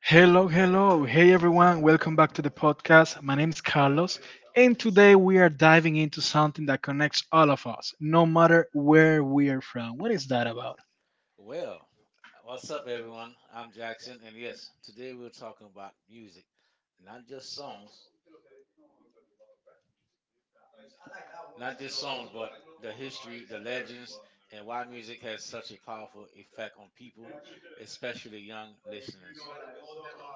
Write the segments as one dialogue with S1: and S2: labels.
S1: Hello, hello. Hey everyone, welcome back to the podcast. My name's Carlos, and today we are diving into something that connects all of us, no matter where we are from. What is that about?
S2: Well, what's up, everyone? I'm Jackson, and yes, today we're talking about music, not just songs, but the history, the legends, and why music has such a powerful effect on people, especially young listeners.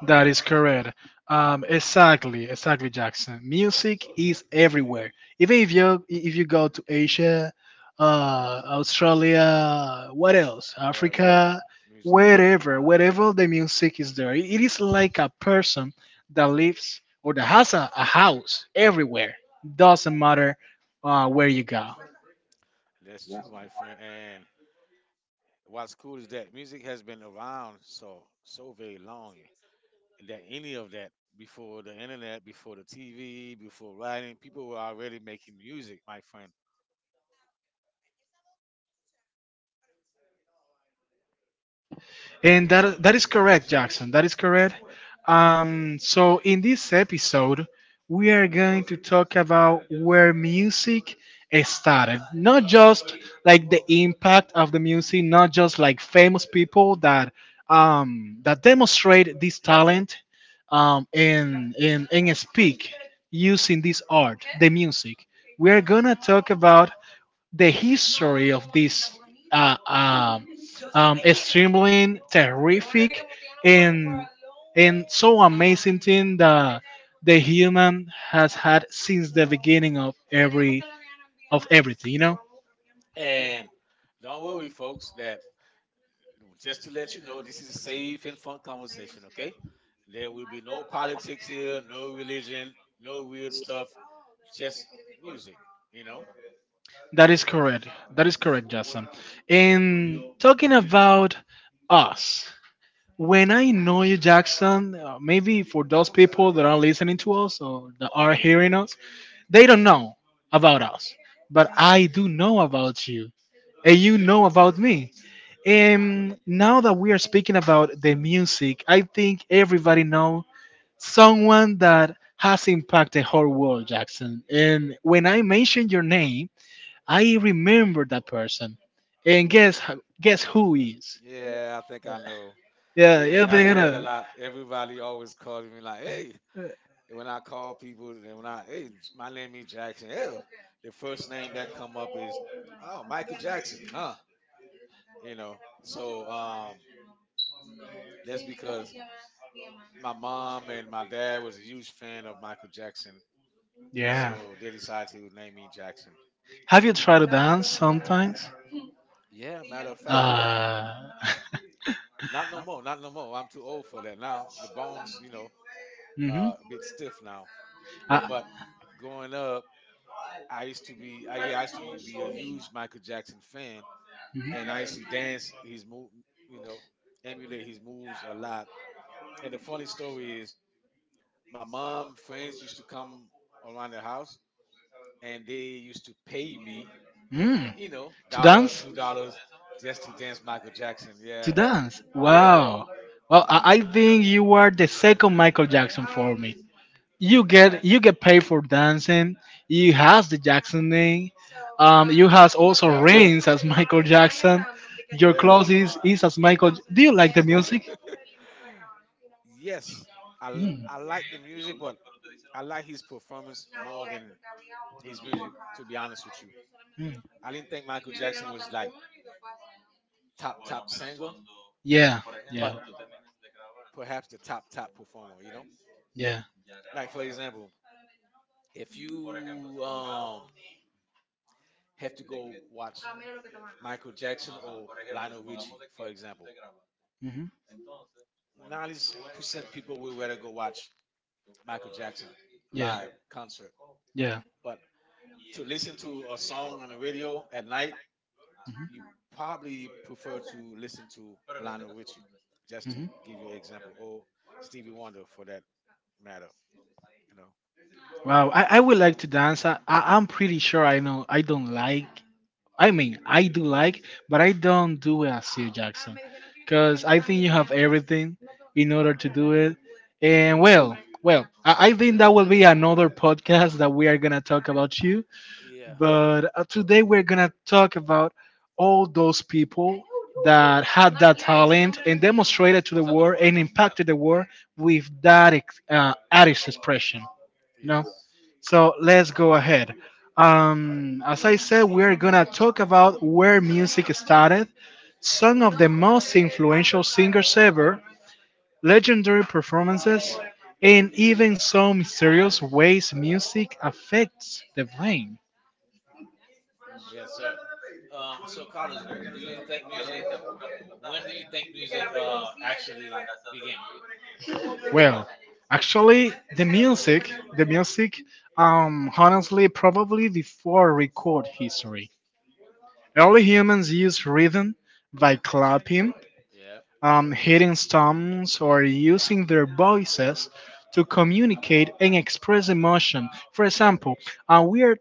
S1: That is correct. Exactly, Jackson. Music is everywhere. Even if you go to Asia,
S2: hmm
S1: Australia, what else?
S2: Wherever
S1: Africa,
S2: music,
S1: wherever the music is there, it is like a person that lives or that has a house everywhere. Doesn't matter where you go.
S2: that's true, my friend. And What's cool is that music has been around so very long that any of that before the internet, before the TV, before writing, people were already making music, my friend.
S1: And that is correct, Jackson. That is correct. So in this episode, we are going to talk about where music started. Not just like the impact of the music, not just like famous people that that demonstrate this
S2: Yep.
S1: talent and speak using this art, the music. We are gonna talk about the history of this uh, um, extremely terrific and so amazing thing that the human has had since the beginning of everything. You know
S2: And don't worry, folks, that just to let you know, this is a safe and fun conversation, okay? There will be no politics here, no religion, no weird stuff, just music, you know?
S1: that is correct. That is correct, Justin. And talking about us, when I know you, Jackson, maybe for those people that are listening to us or that are hearing us, they don't know about us, but I do know about you, and you know about me. And now that we are speaking about the music, I think everybody know someone that has impacted the whole world, Jackson. And when I mention your name, I remember that person. And guess who is?
S2: Yeah, I think I know.
S1: Yeah, yeah,
S2: Yeah, I
S1: they're
S2: get that a
S1: gonna.
S2: lot. Everybody always calls me like, "Hey," when I call people, and "Hey, my name is Jackson." Hell, the first name that come up is, "Oh, Michael Jackson," huh? You know. So that's because my mom and my dad was a huge fan of Michael Jackson,
S1: Yeah.
S2: so they decided to name me Jackson.
S1: Have you tried to dance sometimes?
S2: Yeah, matter of fact,
S1: Uh,
S2: not no more, not no more. I'm too old for that now. The bones, you know,
S1: mm-hmm.
S2: a bit stiff now.
S1: Uh,
S2: But growing up, I used to be, I, yeah, I used to be a huge Michael Jackson fan,
S1: mhm.
S2: and I used to dance his move, you know, emulate his moves a lot. And the funny story is, my mom friends used to come around the house, and they used to pay me,
S1: Mm,
S2: you know,
S1: to
S2: dollar,
S1: dance?
S2: $2, just to dance Michael Jackson.
S1: To
S2: Yeah,
S1: dance?
S2: yeah,
S1: Wow. Well, I think you are the second Michael Jackson for me. You get paid for dancing. You has the Jackson name. You has also
S2: yeah,
S1: rings as Michael Jackson. Your
S2: yeah.
S1: clothes is as Michael. Do you like the music?
S2: Yes,
S1: Mm.
S2: I like the music, but I like his performance more than his music. To be honest with you,
S1: Mm.
S2: I didn't think Michael Jackson was like top singer,
S1: Yeah, yeah,
S2: but perhaps the top performer. You know,
S1: yeah,
S2: like for example, if you have to go watch Michael Jackson or Lionel Richie, for example,
S1: hmm,
S2: 90% people will rather go watch Michael Jackson
S1: yeah,
S2: live concert,
S1: yeah.
S2: but to listen to a song on the radio at night, you probably prefer to listen to Lionel Richie,
S1: Hmm.
S2: just to
S1: Hmm.
S2: give you an example, or Stevie Wonder for that matter. You know.
S1: Wow, I would like to dance. I'm pretty sure I know I don't like. I mean, I do like, but I don't do it as Sir Jackson, because I think you have everything in order to do it. And
S2: Yeah.
S1: well, I think that will be another podcast that we are gonna talk about you,
S2: Yeah.
S1: but today we're gonna talk about all those people that had that talent and demonstrated to the world and impacted the world with that artist expression. you know
S2: Yes.
S1: so let's go ahead. As I said, we're gonna talk about where music started, some of the most influential singers ever, legendary performances, and even some mysterious ways music affects the brain.
S2: Mm, yes, sir. So, Carlos, do you think music? When do you think music actually began?
S1: Well, actually, the music, honestly, probably before record history. Early humans used rhythm by clapping,
S2: Yep.
S1: hitting stumps,
S2: Yep.
S1: or using their voices to communicate and express emotion. For
S2: Yep.
S1: example, uh, we are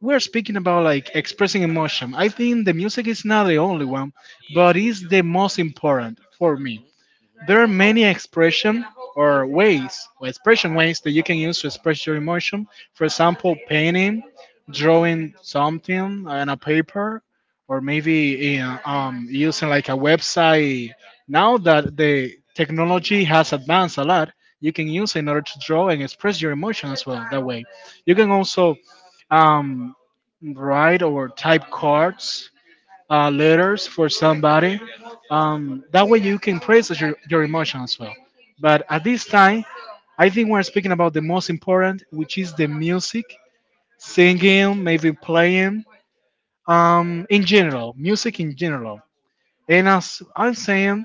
S1: we're speaking about like expressing emotion. I think the music is not the only one, but it's the most important for me.
S2: Hmm. Hmm.
S1: There are many expression or ways, or expression ways that you can use to express your emotion. For example, painting, drawing something on a paper, or maybe using like a website. Now that the technology has advanced a lot, you can use it in order to draw and express your emotion as well. That way, you can also um, write or type cards, letters for somebody. That way you can process your emotion as well. But at this time, I think we're speaking about the most important, which is the music, singing, maybe playing, in general, music in general. And as I'm saying,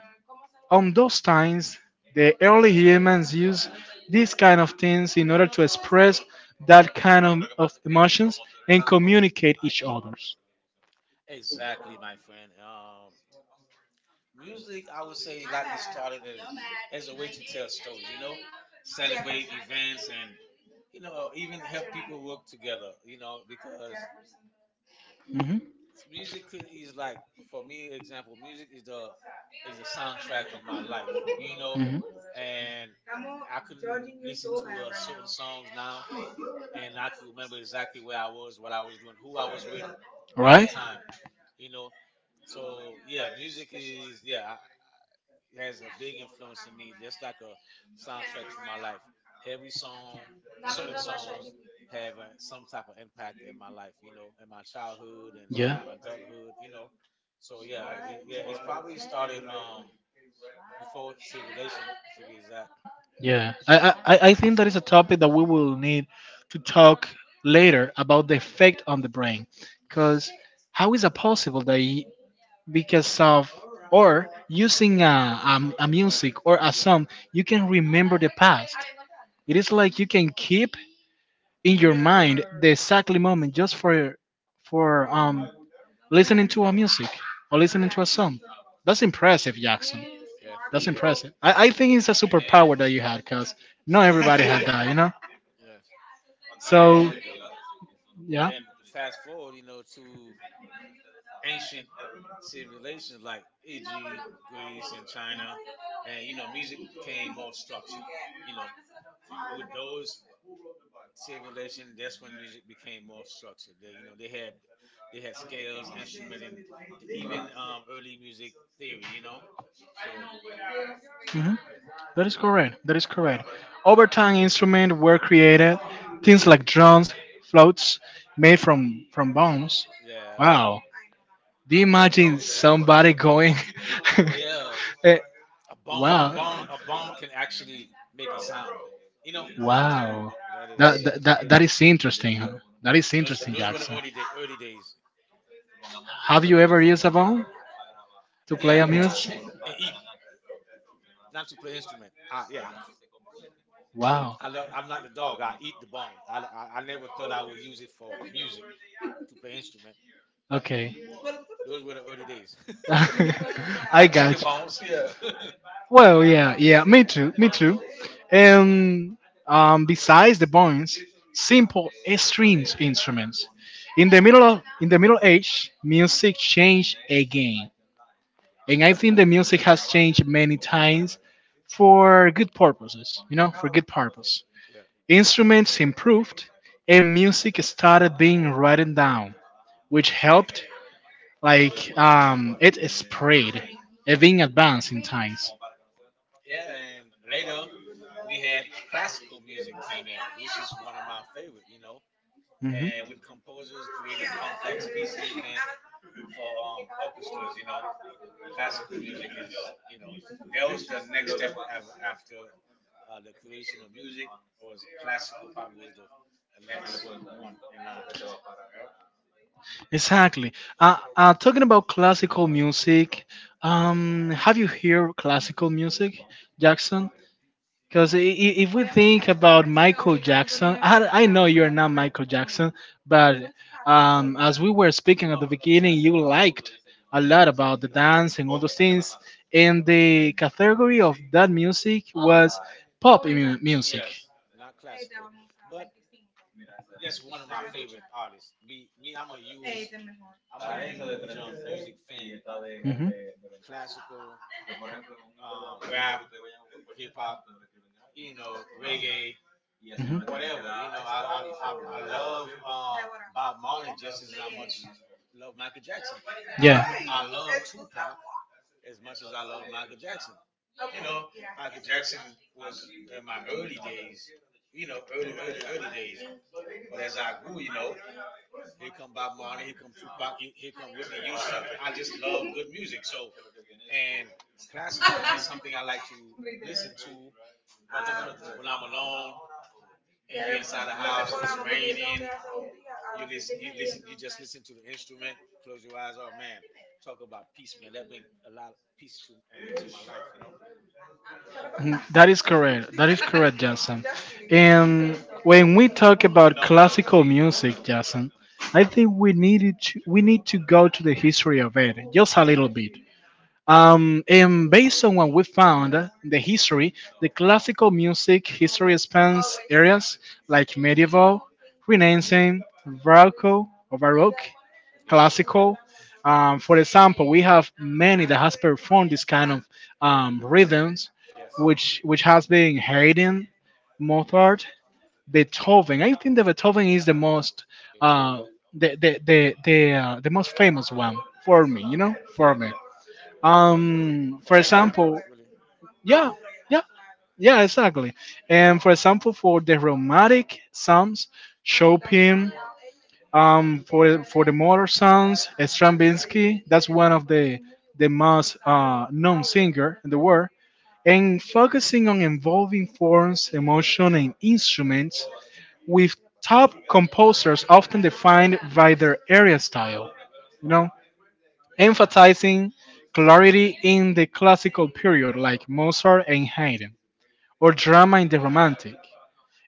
S1: on those times, the early humans use these kind of things in order to express that kind of emotions and communicate each others.
S2: Exactly, my friend. Music, I would say, likely started as a way to tell stories. You know, celebrate events and you know even help people work together. You know, because
S1: Mhm.
S2: music is like for me, example, music is the soundtrack of my life. You know,
S1: Mhm.
S2: and I can listen to certain songs now, and I can remember exactly where I was, what I was doing, who I was with at the
S1: Right?
S2: time. You know, so yeah, music is yeah. Has a big influence on me. That's like a soundtrack to my life. Every song, certain songs have some type of impact in my life, you know, in my childhood and in
S1: Yeah.
S2: my adulthood, you know. So yeah, it, yeah, it's probably started before civilization to be exact.
S1: Yeah, I, I,
S2: Mhm.
S1: I I think that is a topic that we will need to talk later about the effect on the brain.
S2: Mhm.
S1: Because how is it possible that because of or using a music or a song, you can remember the past? It is like you can keep in your mind the exactly moment just for listening to a music or listening to a song. That's impressive, Jackson.
S2: Yes, it
S1: That's
S2: is.
S1: impressive. I think it's a superpower that you had because not everybody had that, you know?
S2: Yes.
S1: So,
S2: And
S1: yeah.
S2: then fast forward, you know, to ancient civilizations like Egypt, Greece, and China, and you know, music became more structured. You know, with those civilizations, that's when music became more structured. They, you know, they had scales, instrument, and even early music theory. You know, so
S1: Mhm. That is correct. That is correct. Over time, instruments were created, things like drums, floats, made from bones.
S2: yeah,
S1: Wow. Do you imagine somebody going?
S2: yeah,
S1: eh, Wow.
S2: a bone can actually make a sound. You know,
S1: Wow.
S2: that
S1: That,
S2: is
S1: that that that is interesting, huh? That is
S2: those
S1: interesting,
S2: were the
S1: Jackson.
S2: early day, early days.
S1: Have you ever used a bone to play
S2: Yeah,
S1: a
S2: to
S1: music?
S2: chew and eat. Not to play instrument. Yeah,
S1: Wow.
S2: I love. I'm not the dog. I eat the bone. I never thought I would use it for music to play instrument, but
S1: Okay.
S2: those were the early days. I
S1: I
S2: like
S1: got
S2: chicken bones.
S1: you.
S2: Yeah.
S1: Well, yeah,
S2: Uh,
S1: yeah, me too, me too. And besides the bones, simple stringed instruments. In the Middle Age, music changed again, and I
S2: yep.
S1: think the music has changed many times for good purposes. You know, for good purpose.
S2: Yeah.
S1: Instruments improved, and music started being written down, which helped like it is spread. It being advanced in times.
S2: Yeah, and later we had classical music came in, which is one of my favorite, you know.
S1: Mhm.
S2: And with composers creating complex pieces meant for orchestras, you know. Classical music is you know that was the next step after the creation of music was classical probably was the next one in line, yep.
S1: Exactly. Talking about classical music, have you heard classical music, Jackson? Because if we think about Michael Jackson, I know you're not Michael Jackson, but as we were speaking at the beginning, you liked a lot about the dance and all those things. And the category of that music was pop music.
S2: Yes, not classical, but that's one of my favorite artists me, I'm a huge music fan. Classical, rap, hip-hop, you know, reggae,
S1: Mhm.
S2: whatever, you know, I love Bob Marley just as I much love Michael Jackson.
S1: Yeah,
S2: I love Tupac as much as I love Michael Jackson. You know, Michael Jackson was in my early days, you know, early days. But as I grew, you know, here come Bob Marley, here come Tupac, here come Whitney Houston. I just love good music. So, and classical, man, is something I like to listen to when I'm alone and you're inside the house, it's raining, you just listen to the instrument, close your eyes, oh man, talk about peace, man. That bring a lot of peace to my life, you know?
S1: that is correct. That is correct, Jason. And when we talk about classical music, Jason, I think we need to go to the history of it just a little bit. And based on what we found, the classical music history spans areas like medieval, Renaissance, Baroque, or Baroque,
S2: Yeah.
S1: classical. For example, we have many that has performed this kind of
S2: Mhm.
S1: rhythms,
S2: Yes.
S1: which has been Haydn, Mozart, Beethoven. I think that Beethoven is uh,
S2: Beethoven.
S1: the most famous one for me. You know, for
S2: Yeah,
S1: me.
S2: yeah. For
S1: For
S2: everyone,
S1: example,
S2: really.
S1: yeah, yeah, yeah,
S2: Hmm.
S1: exactly. And for example, for the romantic psalms, Chopin, for the modern sounds, Stravinsky. That's one of the most known singer in the world. And focusing on involving forms, emotion, and instruments, with top composers often defined by their area style. You know,
S2: Exactly.
S1: emphasizing clarity in the classical period, like Mozart and Haydn, or drama in the Romantic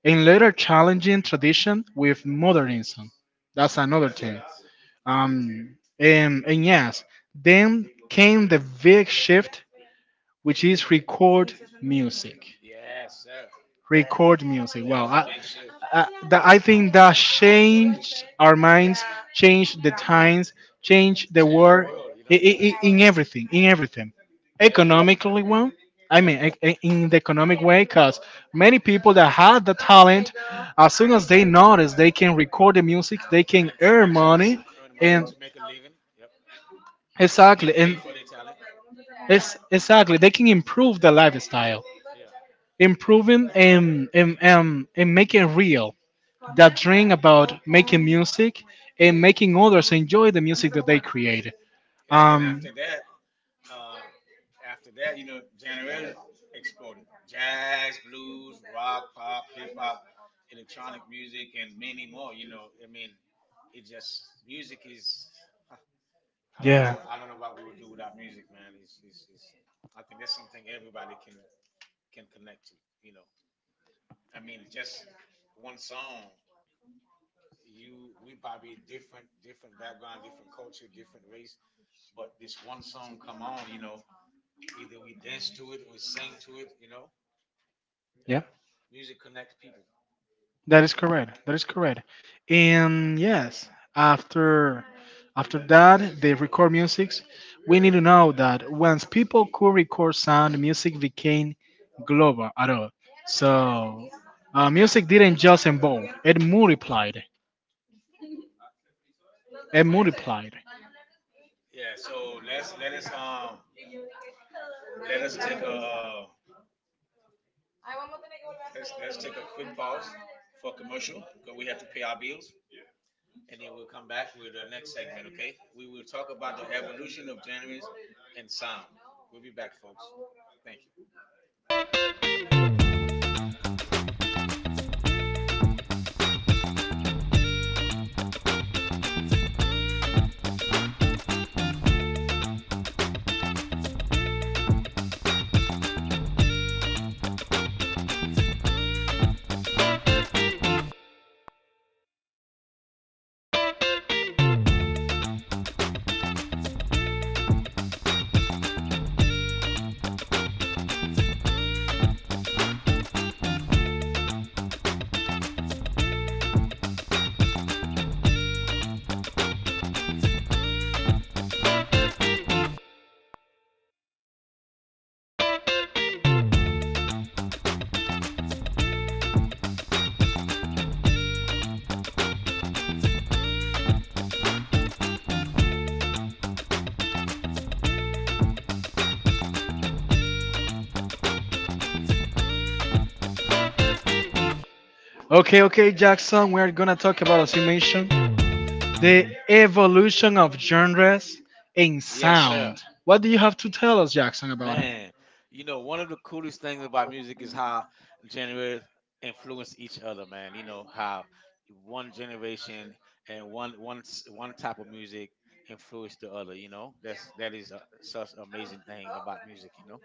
S1: and later challenging tradition with modernism. That's
S2: Mm.
S1: another
S2: Yes,
S1: thing.
S2: yes.
S1: And yes, then came the big shift, which is record music.
S2: Yes, sir.
S1: Record music.
S2: That
S1: Wow,
S2: was a
S1: I,
S2: big shift.
S1: I, that, I think that changed our minds, changed the times, changed the
S2: Changed the
S1: world
S2: world, you
S1: i-
S2: know?
S1: i- i- in everything, in everything.
S2: Yeah.
S1: Economically, one. I
S2: Yep.
S1: mean, in the economic way, because many people that had the talent, as soon as they notice they can record the music, they can
S2: And
S1: earn
S2: actually
S1: money,
S2: earn money
S1: and
S2: to make a living. Yep.
S1: exactly,
S2: Get paid
S1: and
S2: for their talent. Yeah.
S1: it's exactly they can improve their lifestyle,
S2: Yeah.
S1: improving and making real that dream about making music and making others enjoy the music that they create.
S2: Yeah. Then
S1: Um,
S2: after that, uh, you know, January exploded. Jazz, blues, rock, pop, hip hop, electronic music, and many more. You know, I mean, it just music is. Huh, I don't
S1: yeah.
S2: know. I don't know what we would do without music, man. It's I think that's something everybody can connect to. You know, I mean, just one song. You, we probably different, different background, different culture, different race, but this one song come on. You know, either we dance to it or we sing to it. You know,
S1: Yeah.
S2: yeah, music connects people.
S1: That is correct. That is correct. And yes, after after that, they record music. We need to know that once people could record sound, music became global at all.
S2: Hmm.
S1: So music didn't just evolve; it multiplied. It
S2: Yes,
S1: multiplied.
S2: yeah. So let us take a let's take a quick pause for commercial because we have to pay our bills. And then we'll come back with the next segment, okay? We will talk about the evolution of genres and sound. We'll be back, folks. Thank you.
S1: Okay, okay, Jackson. We're gonna talk about, as you mentioned, the evolution of genres and
S2: Yes, sir.
S1: sound. What do you have to tell us, Jackson, about it?
S2: Man, you know, one of the coolest things about music is how genres influence each other, man. You know, how one generation and one type of music influence the other, you know? That is such amazing thing about music, you know?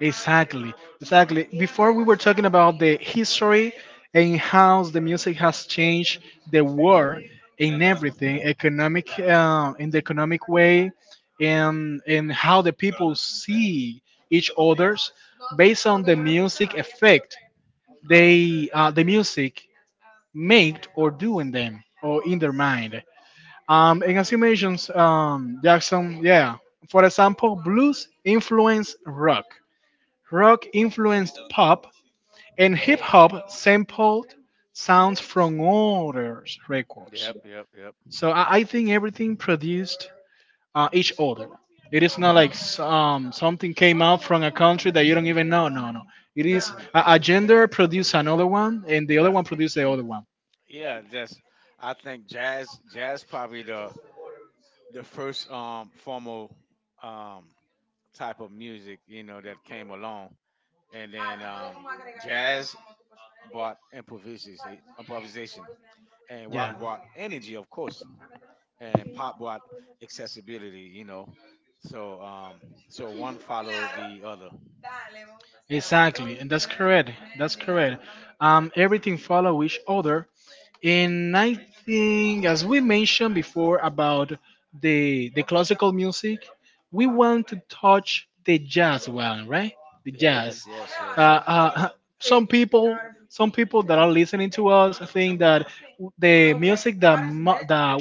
S1: Exactly, exactly. Before we were talking about the history and how the music has changed the world in
S2: Hmm.
S1: everything, economic, in the economic way, and how the people see each others based on the music effect
S2: Hmm.
S1: the music made or do in them or in their mind. And as you mentioned, Jackson, yeah. For example, blues influenced rock, rock influenced pop, and hip hop sampled sounds from other records.
S2: Yep, yep, yep.
S1: So I think everything produced each other. It is not like something came out from a country that you don't even know. No, no. It
S2: Yeah.
S1: is a gender produced another one, and the other
S2: Yeah.
S1: one produced the other one.
S2: Yeah, just I think jazz probably the first formal um type of music, you know, that came along. And then jazz brought improvisation and rock
S1: Yeah.
S2: brought energy of course and pop brought accessibility, you know. So so one followed the other.
S1: Exactly, and that's correct. That's correct. Everything follow each other, and I think, as we mentioned before about the classical music, we want to touch the jazz one, right? The jazz.
S2: Yes, yes,
S1: Uh,
S2: yes.
S1: uh, some people, some people, that are listening to us think that the music that mo- that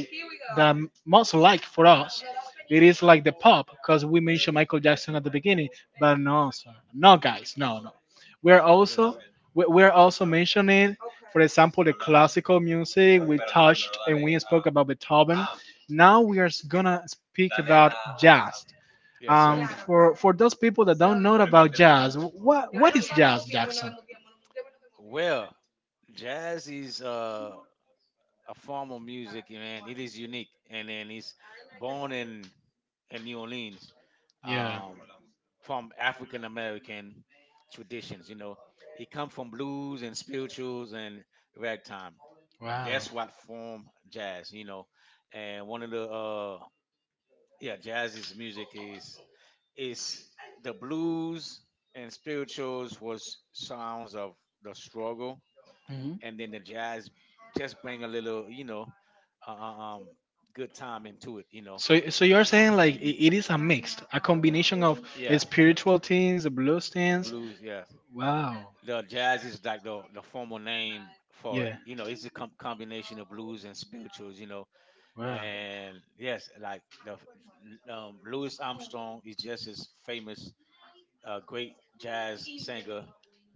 S1: that most like for us, it is like the pop, because we mentioned Michael Jackson at the beginning. But no, sir, no, guys, no, no. We're
S2: Yes.
S1: also we're also mentioning, for example, the classical music. We touched and we spoke about Beethoven. Now we are gonna speak about jazz.
S2: Yes, sir.
S1: For those people that don't know about jazz, what is jazz, Jackson?
S2: Well, jazz is a form of music, man. It is unique, and then he's born in New Orleans
S1: Yeah.
S2: um, from African American traditions. You know, it come from blues and spirituals and ragtime.
S1: Wow.
S2: That's what form jazz. You know, and one of the yeah, jazz's music is the blues and spirituals was sounds of the struggle
S1: Hmm.
S2: and then the jazz just bring a little, you know, uh, uh, um, good time into it. You know,
S1: So, you're saying like it is a mixed, a combination of
S2: yeah,
S1: spiritual things, the blues things.
S2: blues. Yeah,
S1: Wow.
S2: the jazz is like the formal name for it.
S1: Yeah.
S2: You know, it's a combination of blues and spirituals. You know,
S1: Wow.
S2: and yes, like Louis Armstrong is just as famous, great jazz singer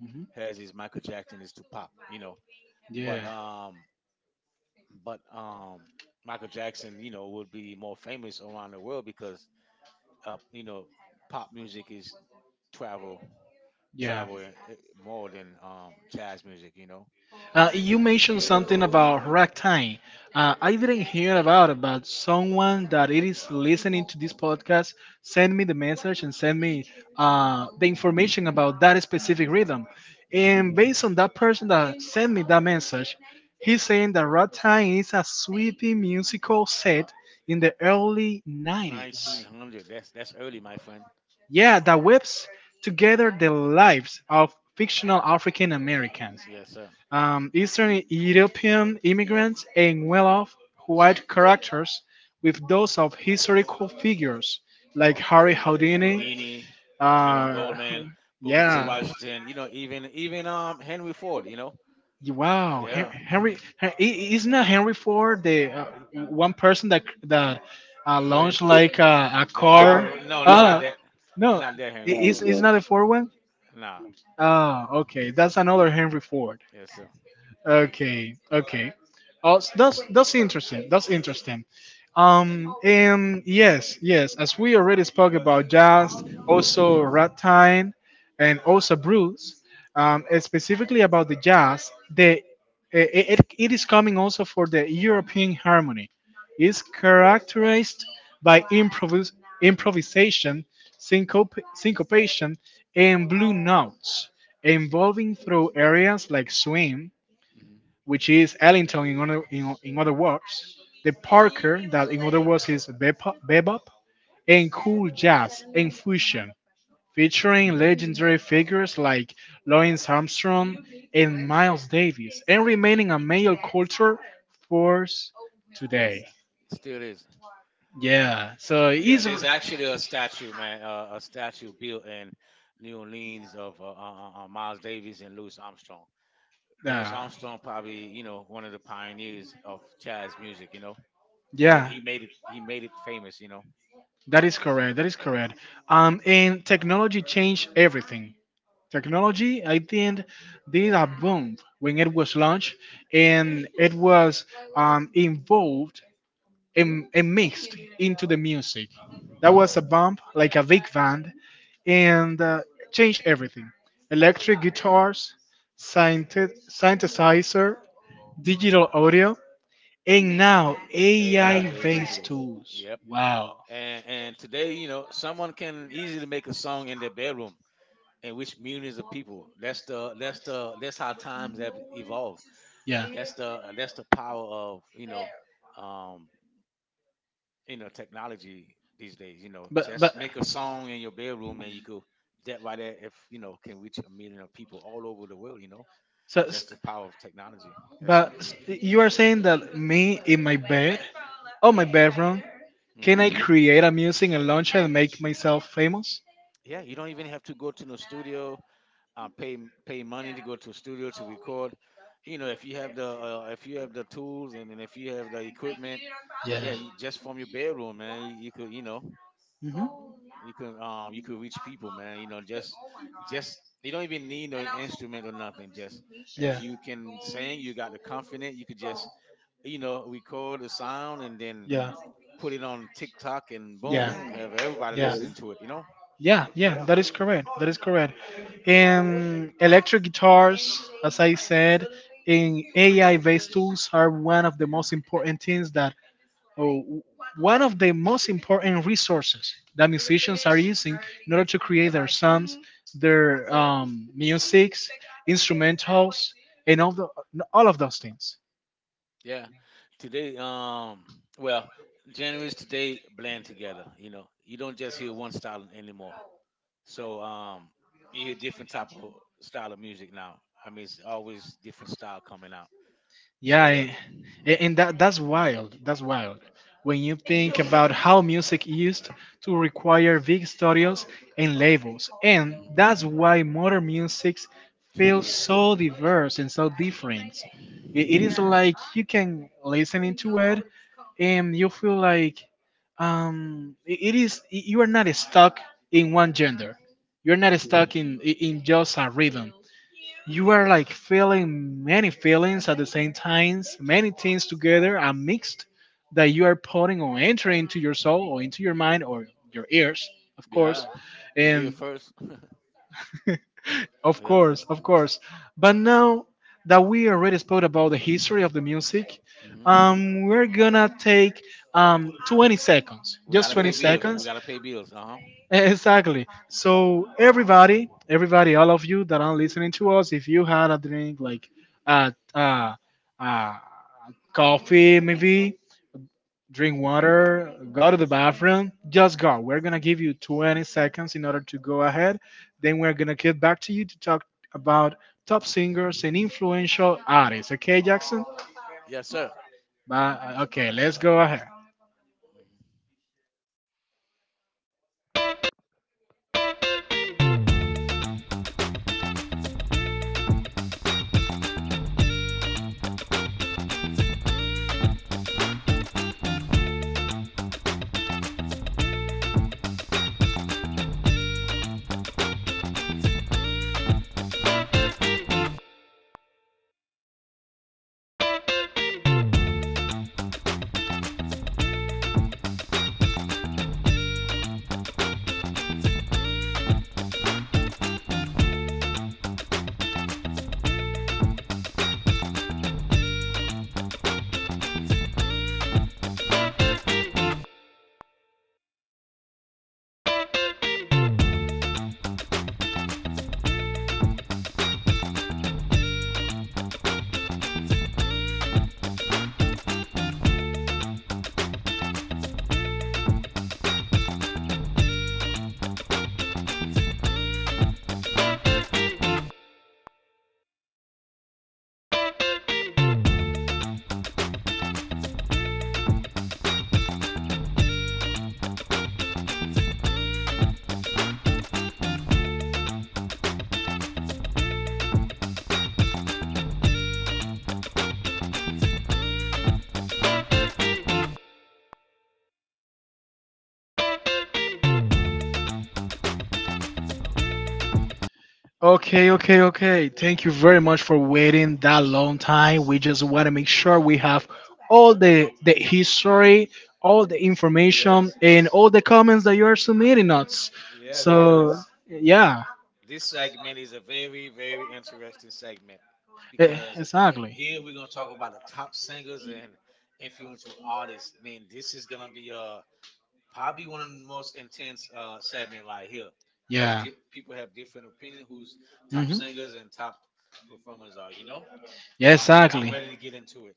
S1: Hmm.
S2: as is Michael Jackson is to pop. You know, but
S1: Yeah.
S2: um. but Michael Jackson, you know, would be more famous around the world because you know, pop music is travel
S1: Yeah.
S2: travel more than jazz music, you know.
S1: You mentioned something about ragtime. I didn't hear about it, but someone that it is listening to this podcast send me the message and send me the information about that specific rhythm.
S2: Mm-hmm.
S1: And based on that person that sent me that message, he's saying that ragtime is a sweeping musical set in the early 90s.
S2: 1900. That's early, my friend.
S1: Yeah, that webs together the lives of fictional African Americans.
S2: Yes, sir.
S1: Eastern European immigrants and well off white characters with those of historical figures like Harry Houdini.
S2: Houdini, Emma
S1: Uh,
S2: Goldman, Booker T.
S1: yeah.
S2: Washington. You know, even Henry Ford. You know,
S1: Wow,
S2: yeah.
S1: Henry, isn't that Henry Ford the one person that
S2: Quit
S1: launched like a
S2: the car.
S1: car?
S2: No, no, not
S1: Ah,
S2: that,
S1: no,
S2: not that Henry
S1: is
S2: Ford.
S1: is not the Ford one?
S2: Nah,
S1: Ah, okay, that's another Henry Ford.
S2: yes, sir.
S1: Okay, okay. Oh, that's interesting. That's interesting. And yes, yes. As we already spoke about jazz, also ragtime, and also blues. And specifically about the jazz, it is coming also for the European harmony. It's characterized by improvisation, syncopation, and blue notes, evolving through areas like swing, which is Ellington, in other words, the Parker, that in other words is bebop, and cool jazz and fusion, featuring legendary figures like Louis Armstrong and Miles Davis, and remaining a major culture force today.
S2: Yes, still is.
S1: Yeah, so
S2: Yeah,
S1: he's
S2: there's
S1: there's
S2: actually
S1: actually a
S2: a statue,
S1: statue.
S2: man, a statue built in New Orleans of Miles Davis and Louis Armstrong. Louis
S1: Yeah,
S2: Armstrong, probably you know one of the pioneers of jazz music. You know,
S1: yeah. He made it.
S2: he
S1: He
S2: made
S1: made
S2: it
S1: it.
S2: famous. You know,
S1: That is correct. That is correct. And technology changed everything. Technology, I think, did a boom when it was launched, and it was involved and mixed into the music. That was a bump, like a big band, and changed everything. Electric guitars, synthesizer, digital audio, and now
S2: AI based
S1: AI-based
S2: too.
S1: tools.
S2: Yep.
S1: Wow.
S2: And today, you know, someone can easily make a song in their bedroom and reach millions of people. That's how times have evolved.
S1: Yeah.
S2: That's the power of um technology these days. you know
S1: But
S2: just make a song in your bedroom and you could, that right there, if you know can reach a million of people all over the world,
S1: so
S2: that's
S1: s-
S2: the power of technology. Yes, sir.
S1: you are saying that me in my bed, oh my bedroom, can I
S2: Hmm.
S1: create a music and launch it and make myself famous?
S2: Yeah, you don't even have to go to the studio, uh, pay pay money to go to a studio to record. You know, if you have the if you have the tools and if you have the equipment, yeah, you just from your bedroom, man, you could,
S1: Hmm.
S2: you can you can reach people, man. You know, just you don't even need no instrument or nothing. Just if
S1: Yeah.
S2: you can sing, you got the confidence, you could just record the sound and then
S1: Yeah.
S2: put it on TikTok and
S1: Yeah.
S2: boom, have everybody
S1: Yeah.
S2: listening to it.
S1: Yeah, yeah,
S2: Yeah,
S1: that is correct. That is correct. And electric guitars, as I said, in AI based tools are one of the most important things that, oh, one of the most important resources that musicians are using in order to create their songs, their musics, instrumentals, and all of those things.
S2: yeah. Today, well, January is today blend together. You know, you don't just hear one style anymore. So you hear different type of style of music now. I mean, it's always different style coming out. So yeah.
S1: Yeah, and that's wild. That's wild. When you think about how music used to require big studios and labels, and
S2: Mm.
S1: that's why modern music
S2: To
S1: feels
S2: feel.
S1: so diverse and so different. It is, yeah, like you can listen into it, and you feel like it is, you are not stuck in one gender. You're
S2: Mm.
S1: not stuck in just a rhythm. You are like feeling many feelings at the same times, many things together and mixed that you are putting or entering into your soul or into your mind or your ears, of
S2: Yeah.
S1: course.
S2: You're here
S1: And
S2: first.
S1: of
S2: Yeah.
S1: course, of course. But now that we already spoke about the history of the music,
S2: Hmm.
S1: we're gonna take 20 seconds,
S2: We
S1: just
S2: gotta
S1: 20
S2: pay bills. We
S1: seconds.
S2: gotta pay bills. Uh huh.
S1: Exactly. So everybody, everybody, all of you that are listening to us, if you had a drink like uh uh uh coffee maybe, drink water, go to the bathroom, just go. We're gonna give you 20 seconds in order to go ahead. Then we're gonna get back to you to talk about top singers and influential artists. Okay, Jackson?
S2: Yes, sir.
S1: But okay, let's go ahead.
S2: Mm-hmm.
S1: Okay, okay, okay. Thank you very much for waiting that long time. We just want to make sure we have all the history, all the information,
S2: Yes,
S1: and
S2: yes.
S1: all the comments that you are submitting us.
S2: Yes,
S1: So,
S2: because
S1: yeah,
S2: this segment is a very, very interesting segment, because
S1: exactly.
S2: here we're gonna talk about the top singers and influential artists. I mean, this is gonna be probably one of the most intense segment right here, because
S1: Yeah.
S2: people have different opinion who's top
S1: Mhm.
S2: singers and top performers are. You know, so
S1: Yeah,
S2: I'm ready. I'm
S1: exactly.
S2: ready to get into it.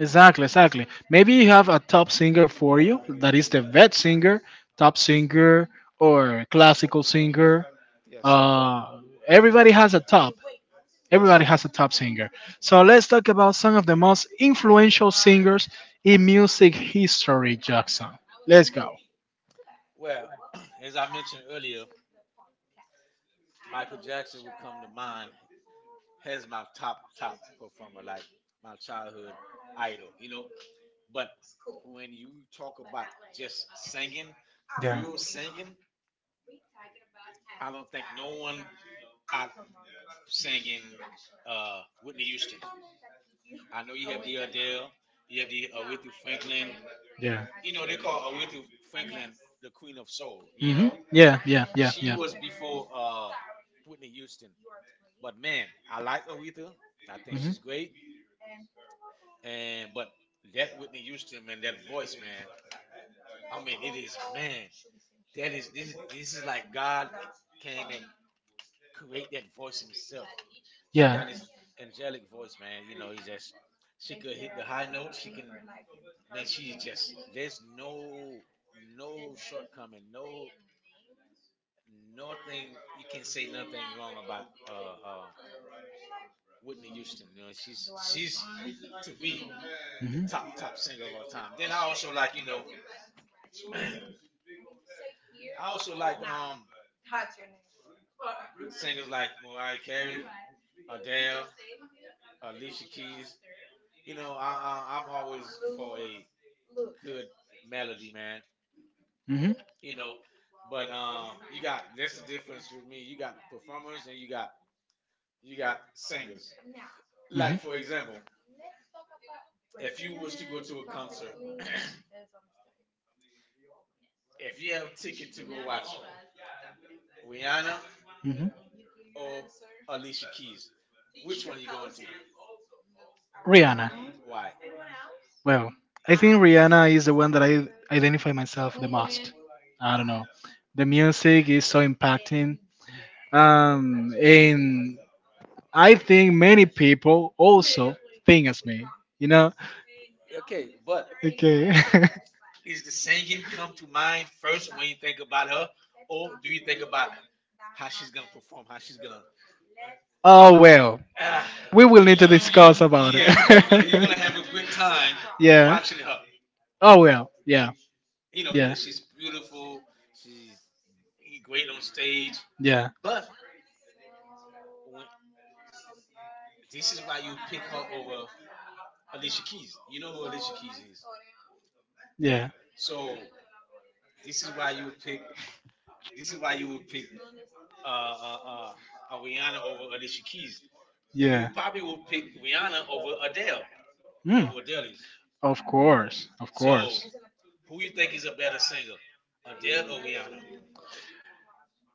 S1: Exactly, exactly. Maybe you have a top singer for you that is the vet singer, top singer, or classical singer.
S2: Yes, sir.
S1: Uh, Everybody has a top.
S2: Yes.
S1: Everybody has a top singer. So let's talk about some of the most influential singers in music history, Jackson. Let's go.
S2: Well, as I mentioned earlier, Michael Jackson would come to mind has my top top performer, like my childhood idol, you know. But when you talk about just singing,
S1: Yeah.
S2: pure singing, I don't think no one out singing Whitney Houston. I know you have the Adele, you have the Aretha Franklin.
S1: Yeah.
S2: You know they call Aretha Franklin the Queen of Soul. You
S1: Mhm.
S2: know
S1: Yeah, yeah, yeah,
S2: she
S1: yeah.
S2: was before Whitney Houston. But man, I like Aretha. I think
S1: Mhm.
S2: she's great. And but that Whitney Houston, man, that voice, man. I mean, it is, man. That is, this is, this is like God came and create that voice Himself. She
S1: Yeah.
S2: got this angelic voice, man. You know, he just, she could hit the high notes. She can, man. She just there's no no shortcoming, no nothing. You can say nothing wrong about Whitney Houston. She's to me the
S1: Mhm. Mhm.
S2: top top singer of all time. Then I also like, I also like singers like Mariah Carey, Adele, Alicia Keys. You know, I, I'm always for a good melody, man. You know, but you got, that's the difference with me. You got performers and you got singers. Like
S1: Mhm.
S2: for example, if you was to go to a concert, if you have a ticket to go watch Rihanna
S1: Mhm.
S2: or Alicia Keys, which one are you going to?
S1: Rihanna.
S2: Why?
S1: Well, I think Rihanna is the one that I identify myself the most. I don't know. The music is so impacting. And I think many people also think as me, you know?
S2: Okay, but
S1: Okay.
S2: is the singing come to mind first when you think about her, or do you think about how she's gonna perform, how she's gonna?
S1: Oh, well.
S2: Ah,
S1: We will need to
S2: you, you,
S1: discuss
S2: you,
S1: about it.
S2: yeah, you're gonna have a
S1: it.
S2: great time
S1: Yeah.
S2: watching her.
S1: Oh well. Yeah.
S2: You know,
S1: Yeah.
S2: cause she's beautiful, she's great on stage.
S1: Yeah.
S2: But when this is why you pick her over Alicia Keys. You know who Alicia Keys is, right?
S1: Yeah.
S2: So this is why you pick. This is why you would pick uh, uh, uh, Ariana over Alicia Keys. You
S1: Yeah.
S2: probably will pick Rihanna over Adele. You know
S1: Mm,
S2: who Adele is.
S1: of course. Of
S2: So
S1: course.
S2: who you think is a better singer, Adele or Rihanna?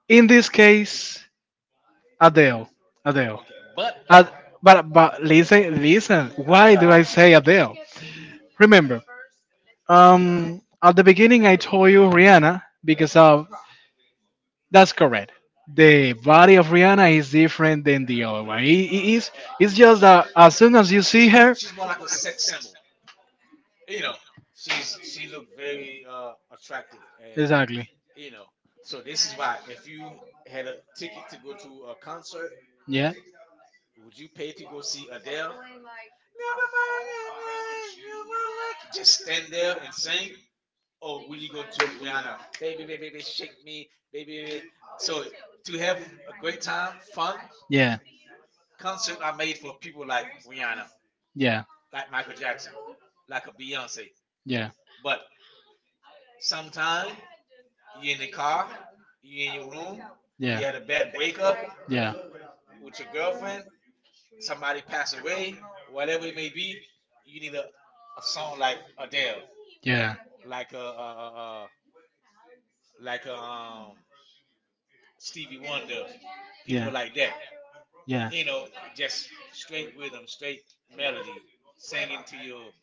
S1: In this case, Adele. Adele.
S2: Okay, but
S1: Ad- but listen.
S2: uh
S1: Why
S2: huh,
S1: do I say Adele? Remember, at the beginning I told you Rihanna because of. That's correct. The body of Rihanna is different than the other one. It is,
S2: yeah,
S1: it's just that as soon as you see her,
S2: she's more like a sex symbol. You know, she's she looked very attractive, and
S1: exactly.
S2: you know, so this is why if you had a ticket to go to a concert,
S1: Yeah,
S2: would you pay to go see Adele? Never mind, your eyes, you won't like it. Just stand there and sing. Oh, will you go to Rihanna? Baby, baby, baby, shake me, baby, baby. So to have a great time, fun
S1: yeah,
S2: concert are made for people like Rihanna,
S1: yeah,
S2: like Michael Jackson, like a Beyonce.
S1: yeah,
S2: But sometime you in the car, you in your room,
S1: yeah,
S2: you had a bad
S1: yeah,
S2: breakup
S1: yeah,
S2: with your girlfriend, somebody passed away, whatever it may be, you need a song like Adele, like a, uh uh uh, like a Stevie Wonder, people like that,
S1: yeah.
S2: you know, just
S1: Yeah.
S2: straight rhythm, straight melody, singing to your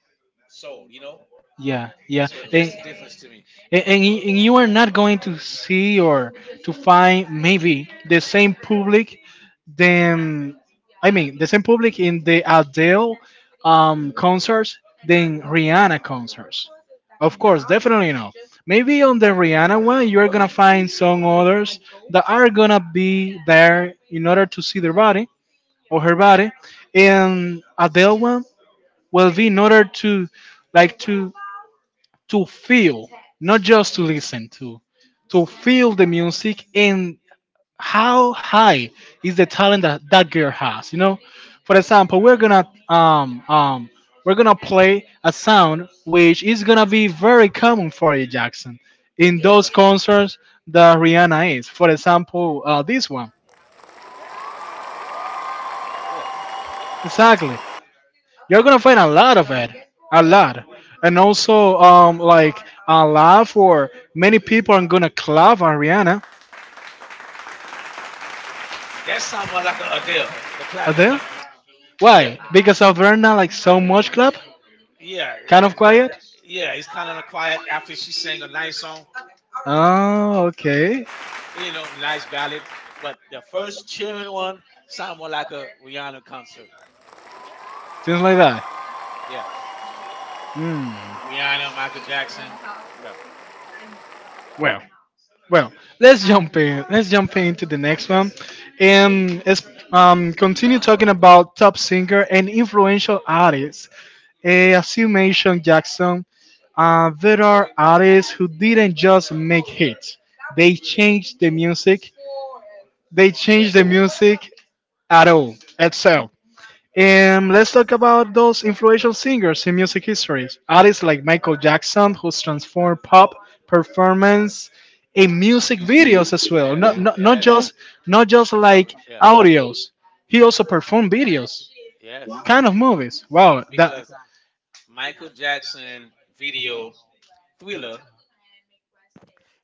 S2: soul, you know?
S1: Yeah, yeah, so
S2: So that's
S1: and,
S2: the difference to me.
S1: and, and y- and you are not going to see or to find maybe the same public than, I mean, the same public in the Adele concerts than Rihanna concerts. Of course, definitely not. Maybe on the Rihanna one, you're gonna find some others that are gonna be there in order to see their body or her body, and Adele one will be in order to like to feel, not just to listen to feel the music and how high is the talent that that girl has. You know, for example, we're gonna play a sound which is gonna be very common for you, Jackson, in
S2: Okay.
S1: those concerts that Rihanna is. For example, this one.
S2: Yeah.
S1: Exactly. You're gonna find a lot of it, a
S2: Yeah.
S1: lot, and also like a lot for many people are gonna clap on Rihanna.
S2: That sound more like a Adele, the clapping one. Yeah.
S1: Why? Because of Verna, like so much club?
S2: Yeah.
S1: Kind of quiet?
S2: Yeah. It's kind of quiet after she sang
S1: Sings.
S2: a nice song,
S1: Oh, okay.
S2: you know, nice ballad. But the first cheering one sound more like a Rihanna concert.
S1: Seems like that.
S2: Yeah.
S1: Hmm. Rihanna.
S2: Rihanna, Michael Jackson. Yeah.
S1: Well, well, let's jump in. Let's jump into the next one,
S2: Yes.
S1: and let's continue talking about top singer and influential artists. As you mentioned, Jackson, there are artists who didn't just make hits; they changed the music. They changed the music at all
S2: Yes.
S1: itself. And let's talk about those influential singers in music history. Artists like Michael Jackson, who's transformed pop performance in
S2: And
S1: music
S2: music
S1: videos
S2: videos,
S1: as well. Not,
S2: yes,
S1: not, not
S2: yes.
S1: just like
S2: Confirming. Yeah,
S1: audios. He also performed videos,
S2: yes.
S1: kind of movies. Wow, that.
S2: Because Michael Jackson video Thriller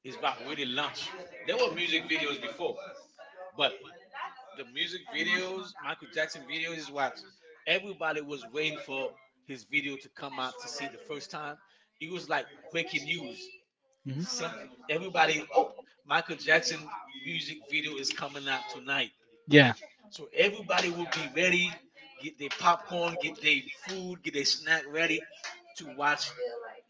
S2: is about really lunch. There were music videos before, but the music videos, Michael Jackson videos, is what everybody was waiting for his video to come out to see the first time. It was like breaking news.
S1: Mhm.
S2: Some everybody, oh, Michael Jackson music video is coming out tonight.
S1: Yeah.
S2: So everybody will be ready, get their popcorn, get their food, get their snack ready to watch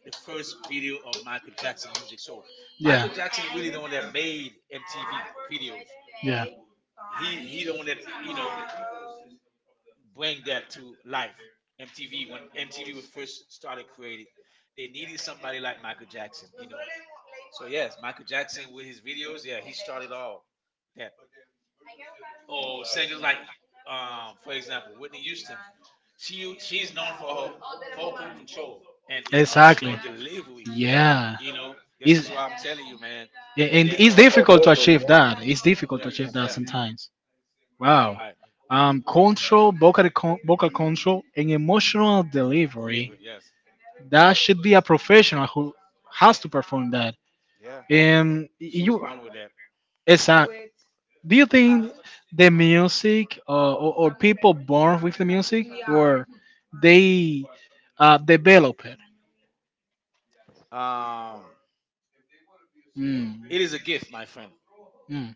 S2: the first video of Michael Jackson music. So
S1: Yeah.
S2: Michael Jackson really the one that made MTV videos.
S1: Yeah.
S2: He the one that you know bring that to life. MTV, when MTV was first started created, they needed somebody like Michael Jackson. You know, so yes, Michael Jackson with his videos, yeah, he started all that. Or singers like, for example, Whitney Houston, she is known for her vocal control and
S1: Exactly.
S2: emotional delivery.
S1: Yeah.
S2: You know, this
S1: It's,
S2: is why I'm telling you, man,
S1: yeah, and
S2: that
S1: it's
S2: her
S1: difficult
S2: vocals.
S1: to
S2: You know,
S1: achieve that. It's difficult to
S2: yeah,
S1: achieve that
S2: yeah,
S1: sometimes. Wow.
S2: right,
S1: Control, vocal, vocal control, and emotional delivery.
S2: delivery. Yes,
S1: That should be a professional who has to perform that.
S2: yeah,
S1: And
S2: she was
S1: you.
S2: born with that.
S1: Exactly. Do you think the music or, people born with the music or they develop it?
S2: Um,
S1: Mm.
S2: it is a gift, my friend.
S1: Mm.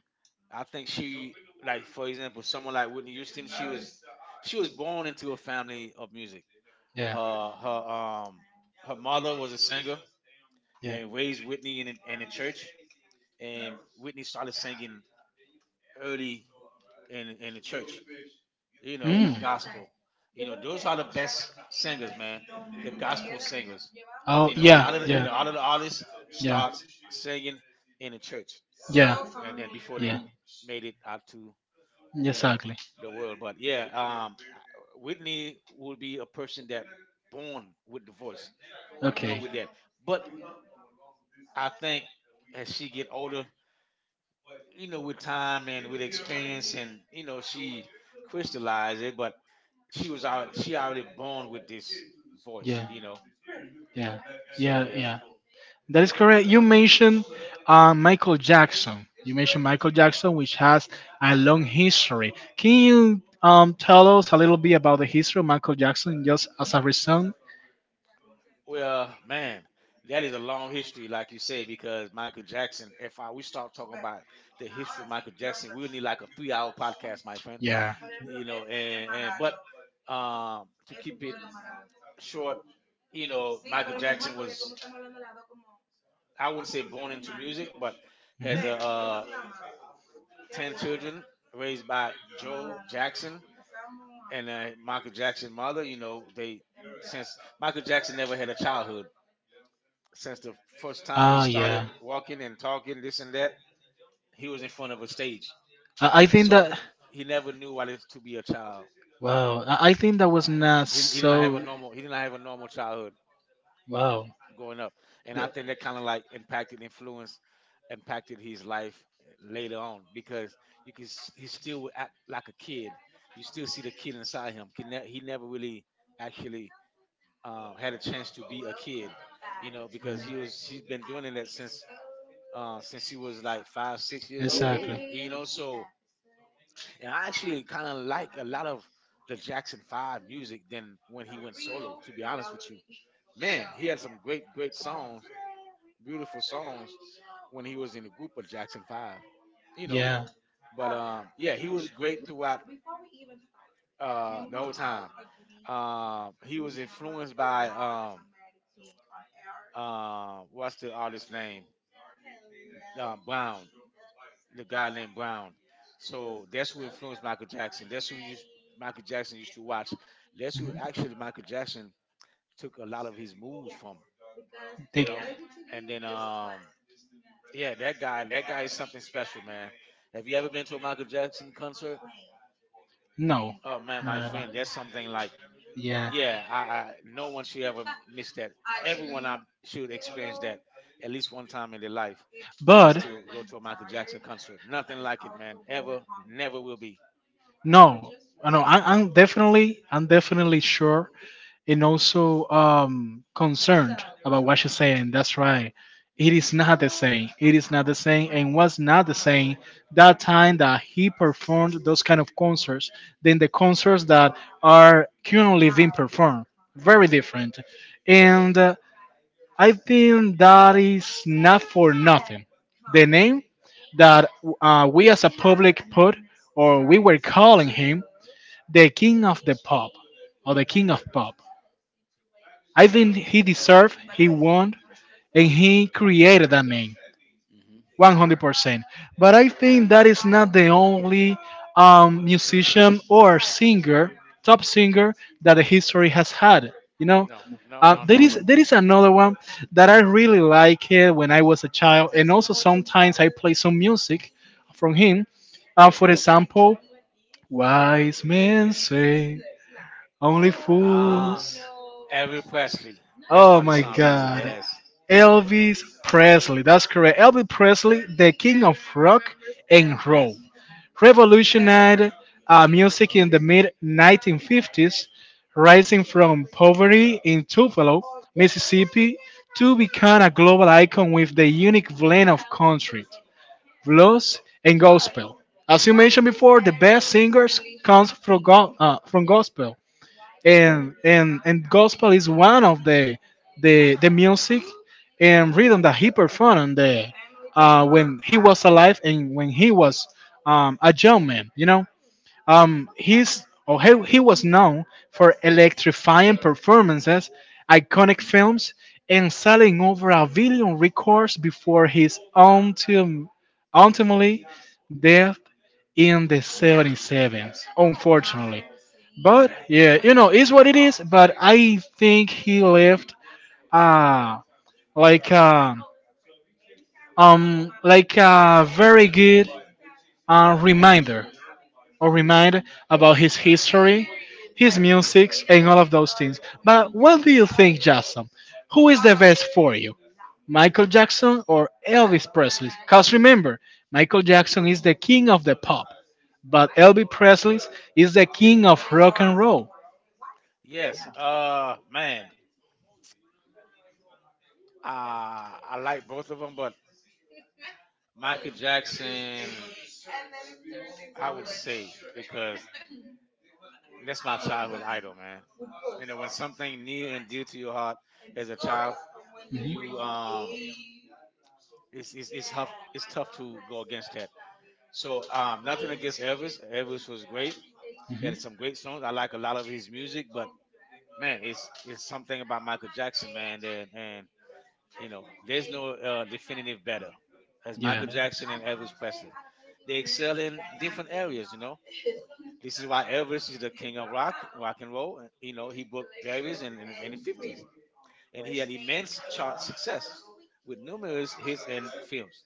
S2: I think she, like for example, someone like Whitney Houston, she was born into a family of music.
S1: Yeah.
S2: Her her um her mother was a singer
S1: Yeah.
S2: and raised Whitney in a church, and Whitney started singing early in the church. You know,
S1: Mm.
S2: gospel. You know, those are the best singers, man. The gospel singers.
S1: Oh
S2: You know, a
S1: yeah.
S2: lot of the, a
S1: Yeah.
S2: lot of the artists
S1: Yeah.
S2: start singing in the church,
S1: Yeah.
S2: and then before they
S1: Yeah.
S2: made it out to you know
S1: Exactly.
S2: the world. But yeah, Whitney will be a person that born with the voice, born
S1: Okay.
S2: with that. But I think as she get older, you know, with time and with experience, and you know, she crystallized it. But she was already she already born with this voice,
S1: Yeah.
S2: you know.
S1: Yeah.
S2: So
S1: Yeah.
S2: yeah.
S1: Yeah. That is correct. You mentioned Michael Jackson. You mentioned Michael Jackson, which has a long history. Can you tell us a little bit about the history of Michael Jackson, just as a result?
S2: Well, man, that is a long history, like you say, because Michael Jackson. If I we start talking about the history of Michael Jackson, we'll need like a three-hour podcast, my friend.
S1: Yeah.
S2: You know, and but to keep it short, you know, Michael Jackson was I wouldn't say born into music, but has a
S1: Mhm.
S2: ten children raised by Joe Jackson and Michael Jackson's mother, you know, they since Michael Jackson never had a childhood. Since the first time he
S1: Ah,
S2: started
S1: yeah.
S2: walking and talking, this and that, he was in front of a stage.
S1: I think
S2: So
S1: that.
S2: he never knew what it's to be a child.
S1: Wow. I think that was not
S2: He didn't have a
S1: so.
S2: normal. He didn't have a normal childhood
S1: Wow.
S2: growing up, and I
S1: That,
S2: think that kind of like impacted, influenced, impacted his life later on because you can he still would act like a kid. You still see the kid inside him. He never really actually had a chance to be a kid, you know, because he
S1: mm,
S2: was he's been doing it that since he was like 5 6 years old,
S1: exactly.
S2: you know. So and I actually kind of like a lot of the Jackson Five music than when he went solo. To be honest with you, man, he had some great great songs, beautiful songs when he was in the group of Jackson Five, you know.
S1: Yeah.
S2: But yeah, he was great throughout the whole time. He was influenced by what's the artist name? Brown, the guy named Brown. So that's who influenced Michael Jackson. That's who used, Michael Jackson used to watch. That's who
S1: Mhm.
S2: actually Michael Jackson took a lot of his moves from,
S1: They,
S2: you know. And then, yeah, that guy is something special, man. Have you ever been to a Michael Jackson concert?
S1: no.
S2: Oh man, my
S1: No, no.
S2: friend, that's something like,
S1: Yeah.
S2: yeah, I no one should ever miss that. Everyone I should experience that at least one time in their life is
S1: But
S2: to go to a Michael Jackson concert. Nothing like it, man. Ever, never will be.
S1: no, I know. I'm definitely, I'm definitely sure and also concerned about what she's saying. That's right. It is not the same. It is not the same, and was not the same that time that he performed those kind of concerts than the concerts that are currently being performed. Very different, and I think that is not for nothing. The name that we as a public put, or we were calling him, the king of the pop, or the king of pop, I think he deserved, he won, and he created that name
S2: Hmm. Hmm.
S1: 100%. But I think that is not the only
S2: Two,
S1: musician or singer, top singer, that the history has had. You know,
S2: no, no, no,
S1: there
S2: no.
S1: is another one that I really liked it when I was a child, and also sometimes I play some music from him.
S2: Yes.
S1: For example, wise men say only
S2: Ah,
S1: fools.
S2: Elvis Presley. That's
S1: Oh
S2: what it
S1: my
S2: sound like.
S1: god.
S2: Yes,
S1: Elvis Presley. That's correct. Elvis Presley, the king of rock and roll,
S2: yes,
S1: revolutionized music in the mid 1950s, rising from poverty in Tupelo, Mississippi, to become a global icon with the unique blend of country, blues, and gospel. As you mentioned before, the best singers comes from, from gospel,
S2: yes,
S1: and gospel is one of the music and rhythm that he performed on the, when he was alive and when he was a young man. You know, he was known for electrifying performances, iconic films, and selling over a billion records before his ultimately death in the 77s. Unfortunately. But yeah, it's what it is. But I think he left uh like um like a very good reminder or reminder about his history, his music, and all of those things. But what do you think, Jason? Who is the best for you, Michael Jackson or Elvis Presley? Cause remember, Michael Jackson is the king of the pop, but Elvis Presley is the king of rock and roll.
S2: yes. Man. I like both of them, but Michael Jackson, I would say, because that's my childhood idol, man. You know, when something near and dear to your heart as a child,
S1: Mm-hmm.
S2: you it's tough to go against that. So nothing against Elvis. Elvis was great. He
S1: Hmm.
S2: had some great songs. I like a lot of his music, but man, it's something about Michael Jackson, man. And you know, there's no definitive better as
S1: Yeah.
S2: Michael Jackson and Elvis Presley. They excel in different areas. You know, this is why Elvis is the king of rock and roll. And, you know, he broke barriers in the 50s, and he had immense chart success with numerous hits and films.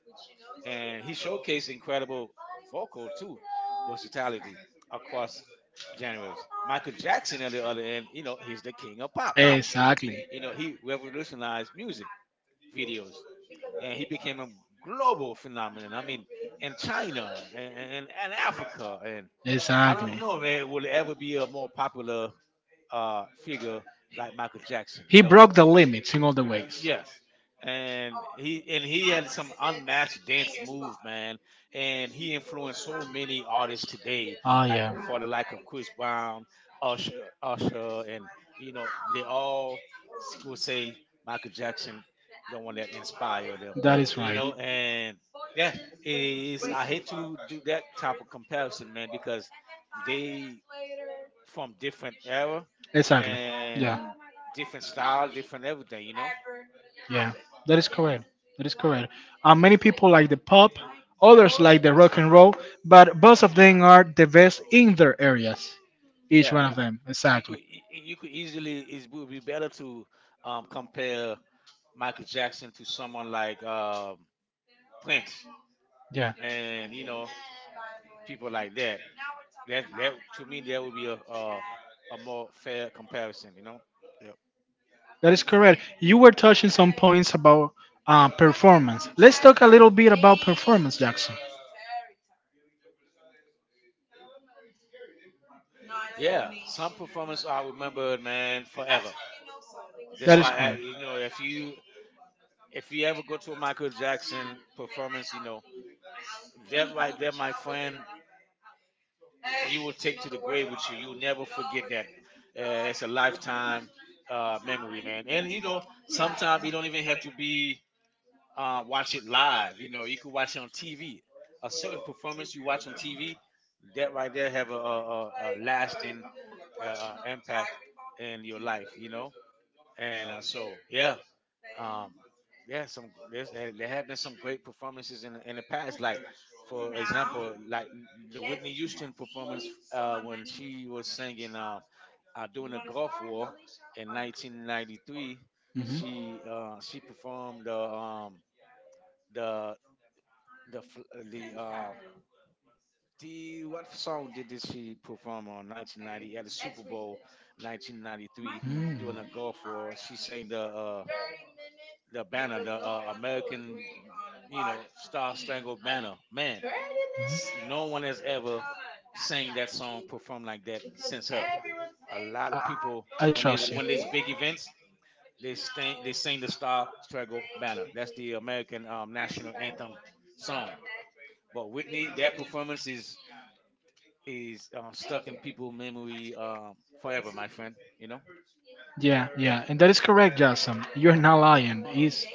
S2: And he showcased incredible vocal too versatility across genres. Michael Jackson, on the other end, you know, he's the king of pop.
S1: Exactly.
S2: You know, he revolutionized music videos and he became a global phenomenon. I mean, in China and Africa, and I don't
S1: Exactly.
S2: know, man, will it ever be a more popular figure like Michael Jackson? You
S1: He
S2: know?
S1: broke the limits in all the ways.
S2: Yes. And he had some unmatched dance move, man. And he influenced so many artists today,
S1: Oh
S2: like
S1: yeah.
S2: for the like of Chris Brown, Usher, and you know, they all say Michael Jackson, the one that inspired them.
S1: That is
S2: You know,
S1: right.
S2: and yeah, it is I hate to do that type of comparison, man, because they from different era
S1: Exactly.
S2: and
S1: Yeah.
S2: different style, different everything, you know?
S1: Yeah. That is correct. That is correct. Many people like the pop, others like the rock and roll, but both of them are the best in their areas. Each
S2: Yeah.
S1: one of them, exactly.
S2: You could easily it would be better to compare Michael Jackson to someone like Prince,
S1: Yeah,
S2: and you know, people like that. That to me that would be a more fair comparison. You know. Yep.
S1: that is correct. You were touching some points about performance. Let's talk a little bit about performance, Jackson.
S2: Yeah, some performance I remembered, man, forever. That's
S1: That is
S2: why I,
S1: correct.
S2: you know, if you ever go to a Michael Jackson performance, you know that right there, my friend, you will take to the grave with you. You'll never forget that. It's a lifetime memory, man. And you know, sometimes you don't even have to be watch it live. You know, you could watch it on TV. A certain performance you watch on TV, that right there have a lasting impact in your life. You know, and so yeah, um there have been some great performances in in the past, like, for example, like the Whitney Houston performance when she was singing during the Gulf War in 1993.
S1: Mhm.
S2: She performed the the fl- the the — what song did she perform on 1990 at the Super Bowl 1993
S1: Mm. Mhm.
S2: during the Gulf War? She sang the American, you know, Star Spangled Banner. Man, no one has ever sang that song, performed like that since her. A lot of people,
S1: I, I
S2: when there's
S1: trust
S2: when
S1: you.
S2: there's big events, they sing the Star Spangled Banner. That's the American national anthem song. But Whitney, that performance is stuck in people' memory forever, my friend. You know.
S1: Yeah, yeah, and that is correct, Jason. You're not lying.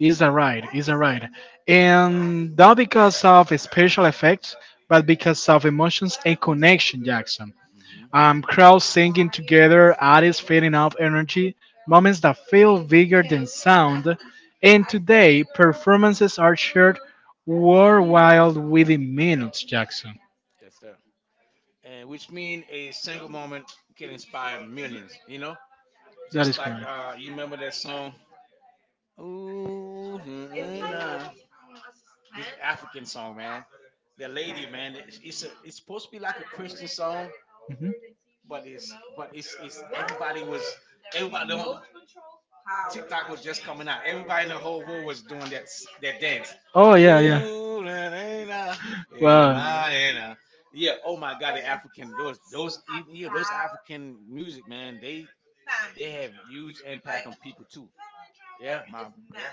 S1: It's a ride. It's a ride, and not because of special effects, but because of emotions and connection, Jackson.
S2: Mm-hmm.
S1: Crowds singing together, artists feeding off energy, moments that feel bigger than sound, and today performances are shared worldwide within minutes, Jackson.
S2: Yes, sir. And which mean a single moment can inspire millions. You know.
S1: That
S2: Just
S1: is
S2: like,
S1: correct.
S2: you remember that song? Ooh, mm, mm, nah. This African song, man. The lady, man. It's supposed to be like a Christian song, but it's everybody on TikTok was just coming out. Everybody in the whole world was doing that dance.
S1: Oh yeah, yeah.
S2: Ooh, na, na, na, if you
S1: Wow.
S2: mind, yeah. Oh my God, the African, those even yeah those African music, man. They have huge impact on people too. Yeah, my yeah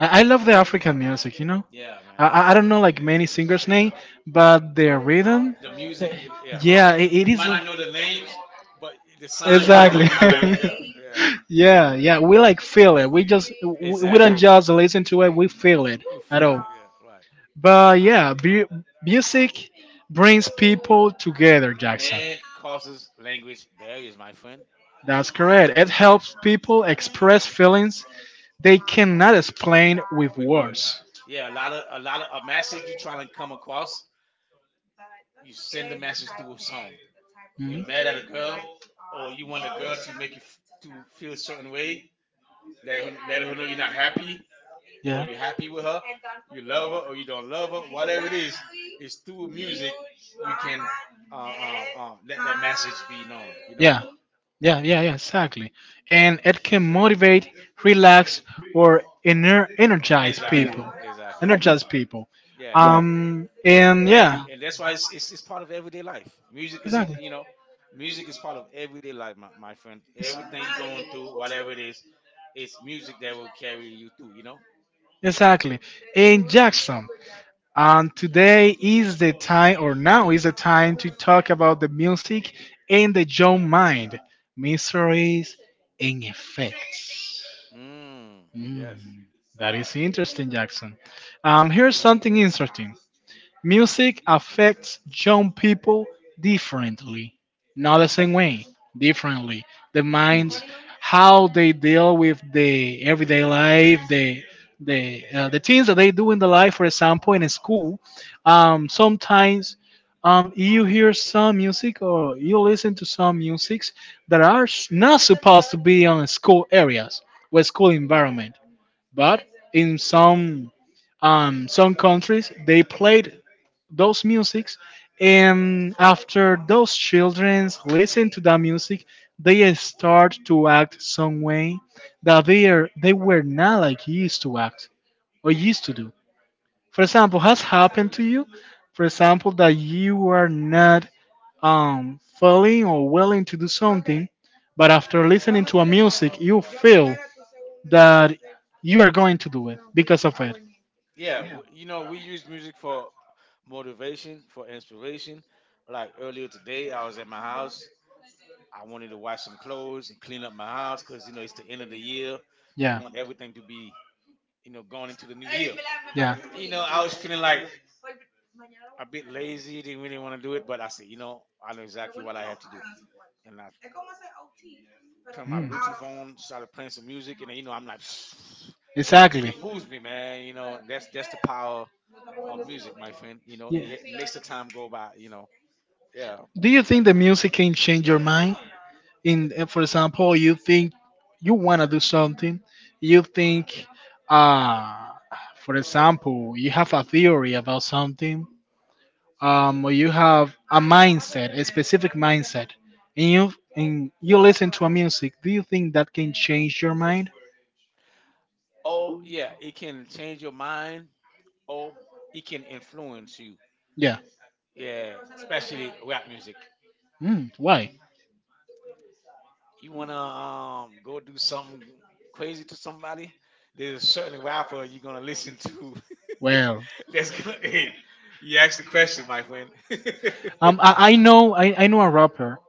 S1: I love the African music, you know.
S2: yeah,
S1: I
S2: man.
S1: I I don't know like many singers' name, but their
S2: But
S1: rhythm.
S2: the music, you, yeah,
S1: Yeah, it
S2: you
S1: is.
S2: might not
S1: Like
S2: know the names, but the sound, you're like, oh
S1: exactly.
S2: yeah, I like, yeah, yeah. Mm,
S1: yeah, yeah. We like feel it. We just we
S2: exactly.
S1: don't just listen to it. We feel it
S2: We
S1: at
S2: feel it,
S1: all.
S2: yeah, right.
S1: But yeah, music brings people together, Jackson.
S2: And causes language barriers, my friend,
S1: That's correct. It helps people express feelings they cannot explain with
S2: with words.
S1: words.
S2: Yeah, a lot of a message you're trying to come across, you send the message through a song. You
S1: Mhm.
S2: mad at a girl, or you want a girl to make you to feel a certain way, let her know you're not happy, or
S1: Yeah.
S2: you happy with her, you love her or you don't love her, whatever it is, it's through music you can let that message be known. You know.
S1: Yeah. Yeah, yeah, yeah, exactly. And it can motivate, relax, or energize
S2: Energize,
S1: people.
S2: exactly.
S1: Energize people.
S2: Yeah,
S1: And
S2: and
S1: yeah,
S2: and that's why it's part of everyday life. Music is,
S1: exactly.
S2: you know, music is part of everyday life, my friend. Everything you're going through, whatever it is, it's music that will carry you through. You know.
S1: Exactly. And Jackson, and today is the time, or now is the time, to talk about the music and the young mind, mysteries and effects.
S2: Mm, yes.
S1: Mm, that is interesting, Jackson. Here's something interesting. Music affects young people differently, not the
S2: Yes.
S1: same way, differently. The
S2: Hmm, hmm.
S1: minds, how they deal with the everyday life, the things that they do in the life. For example, in a school, sometimes you hear some music or you listen to some musics that are not supposed to be on school areas with school environment, but in some countries they played those musics, and after those children listen to that music they start to act some way that they were not like used to act or used to do. For example, has happened to you, for example, that you are not feeling or willing to do something, but after listening to a music you feel that you are going to do it because of it.
S2: Yeah, you know, we use music for motivation, for inspiration. Like earlier today, I was at my house. I wanted to wash some clothes and clean up my house, because you know it's the end of the year. You
S1: Yeah.
S2: want everything to be, you know, going into the new year.
S1: Yeah.
S2: You know, I was feeling like a bit lazy, didn't really want to do it, but I said, you know, I know exactly what I have to do, and I turned my
S1: Mm.
S2: Bluetooth on, started playing some music, and then, you know, I'm like,
S1: Exactly.
S2: it moves me, man. You know, and that's the power of music, my friend. You know,
S1: Yeah.
S2: it makes the time go by. You know, yeah.
S1: Do you think the music can change your mind? For example, you think you wanna do something. You think, uh, for example, you have a theory about something. Or you have a mindset, a specific mindset, and you listen to a music. Do you think that can change your mind?
S2: Oh, yeah, it can change your mind. Oh, it can influence you.
S1: Yeah.
S2: Yeah, especially rap music.
S1: Mm, why?
S2: You wanna go do something crazy to somebody? There's a certain rapper you're gonna listen to.
S1: Well,
S2: That's gonna Hey, you asked the question, my friend.
S1: I know I know a rapper.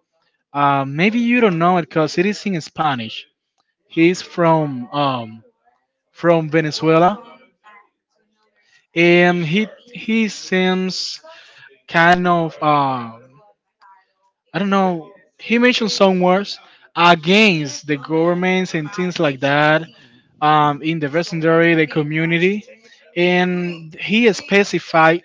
S1: Maybe you don't know it because it is in Spanish. He's from Venezuela, and he seems kind of I don't know. He mentioned some words against the governments and things like that.
S2: Mhm.
S1: In the vecindario, the community, and he specified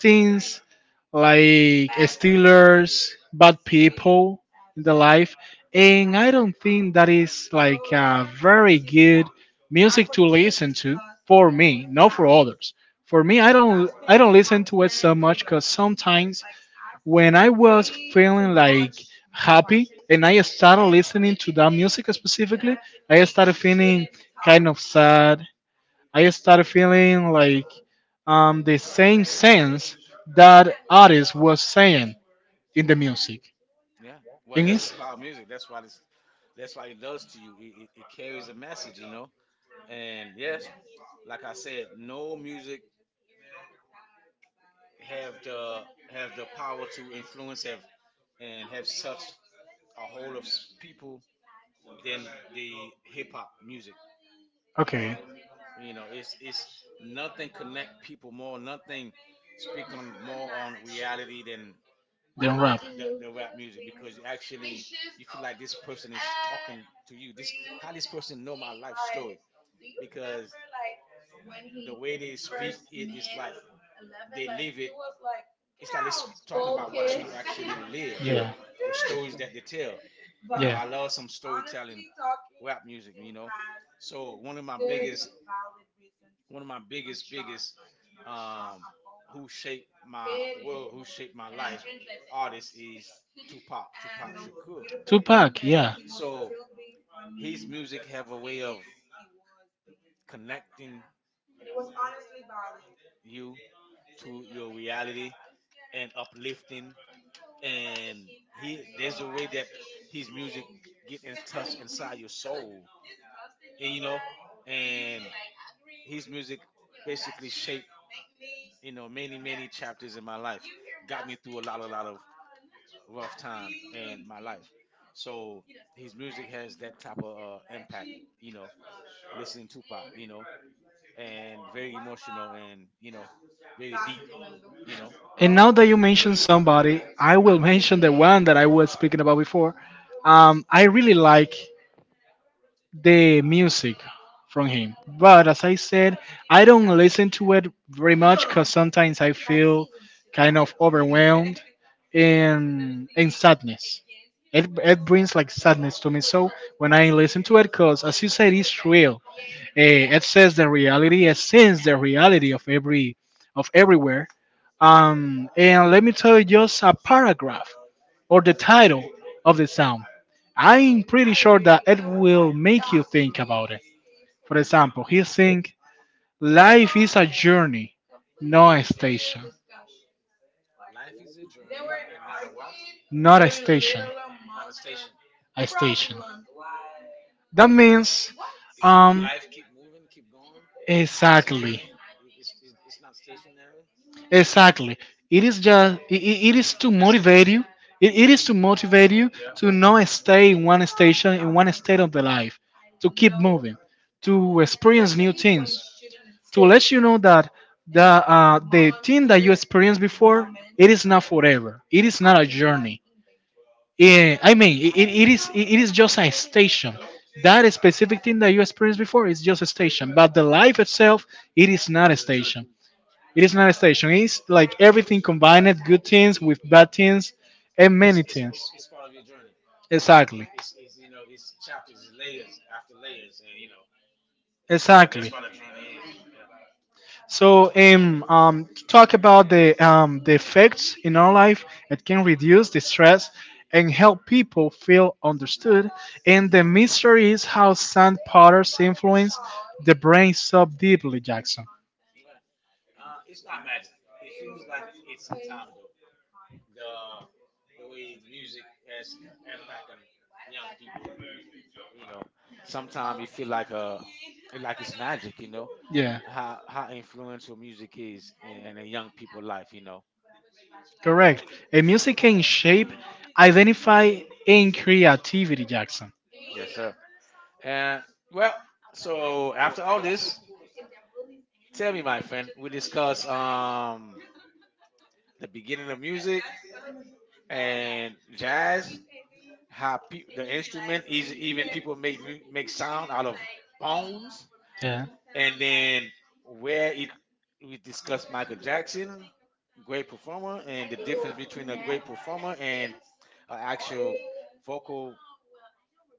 S1: things like Steelers, bad people in the life, and I don't think that is like a very good music to listen to for me, not for others. For me, I don't listen to it so much because sometimes when I was feeling like happy and I started listening to that music specifically, I started feeling kind of sad. I started feeling like the same sense that artist was saying in the music.
S2: Yeah. Well,
S1: In
S2: that's the
S1: his
S2: power of music. That's why this. That's why it does to you. It carries a message, you know. And yes, like I said, no music have the have the power to influence, have and have such a hold of people than the hip hop music.
S1: okay,
S2: You know, it's nothing connect people more, nothing speak on more on reality than
S1: then rap.
S2: the rap music, because you actually you feel like this person is talking to you. This how this person know my life story, because the way they speak it is like they live it. It's like it's talking about what you actually live.
S1: Yeah,
S2: Your stories that they tell. You know, I
S1: yeah.
S2: love some storytelling rap music, you know. So one of my biggest one of my biggest biggest um who shaped my world, who shaped my life artist is Tupac, Tupac Shakur.
S1: Tupac,
S2: Yeah.
S1: yeah.
S2: So his music have a way of connecting you to your reality and uplifting, and he there's a way that his music get in touch inside your soul, you know, and his music basically shaped, you know, many, many chapters in my life. Got me through a lot of rough time in my life. So his music has that type of impact, you know, listening to Tupac, you know, and very emotional and, you know, very deep, you know.
S1: And now that you mention somebody, I will mention the one that I was speaking about before. I really like the music from him. But as I said, I don't listen to it very much because sometimes I feel kind of overwhelmed and sadness. It brings like sadness to me. So when I listen to it, because as you said, it's real. Eh, it says the reality. It sings the reality of every of everywhere. And let me tell you just a paragraph or the title of the song. I'm pretty sure that it will make you think about it. For example, he sings, life is a journey, not a station.
S2: Life is a journey and not a what?
S1: Not a station,
S2: Not a station.
S1: a station. That means,
S2: It keep
S1: um,
S2: Life keep moving, keep going. It's a
S1: exactly.
S2: journey. It's not stationary.
S1: Exactly. It is just it is to
S2: Mm, that's
S1: motivate
S2: interesting.
S1: you. It is to motivate you
S2: Yeah.
S1: to not stay in one station in one state of the life, to keep moving, to experience new things, to let you know that the thing that you experienced before, it is not forever. It is not a journey. Yeah, I mean it is it is just a station. That specific thing that you experienced before is just a station, but the life itself, it is not a
S2: It's a journey.
S1: station. It is not a station. It's like everything combined, good things with bad things and
S2: It's,
S1: many
S2: it's,
S1: things.
S2: it's, it's part of your journey.
S1: Exactly.
S2: It's, you know, it's chapters, it's layers after layers, and you know, yeah, that's
S1: Exactly.
S2: what a journey is. Yeah,
S1: So, to talk about the effects in our life, it can reduce the stress and help people feel understood. And the mystery is how sand powders influence the brain so deeply, Jackson.
S2: yeah. It's not magic. It feels like it sometimes though. The the way music has impact on young people, you know, sometimes it feel like a it like it's magic. You know,
S1: Yeah.
S2: how influential music is in a young people life. You know.
S1: Correct. A music can shape, identify, and creativity, Jackson.
S2: Yes, sir. And well, so after all this, tell me, my friend, we discuss the beginning of music and jazz, the instrument is even people make sound out of bones,
S1: Yeah.
S2: and then where it we discuss Michael Jackson, great performer, and the difference between a great performer and an actual vocal,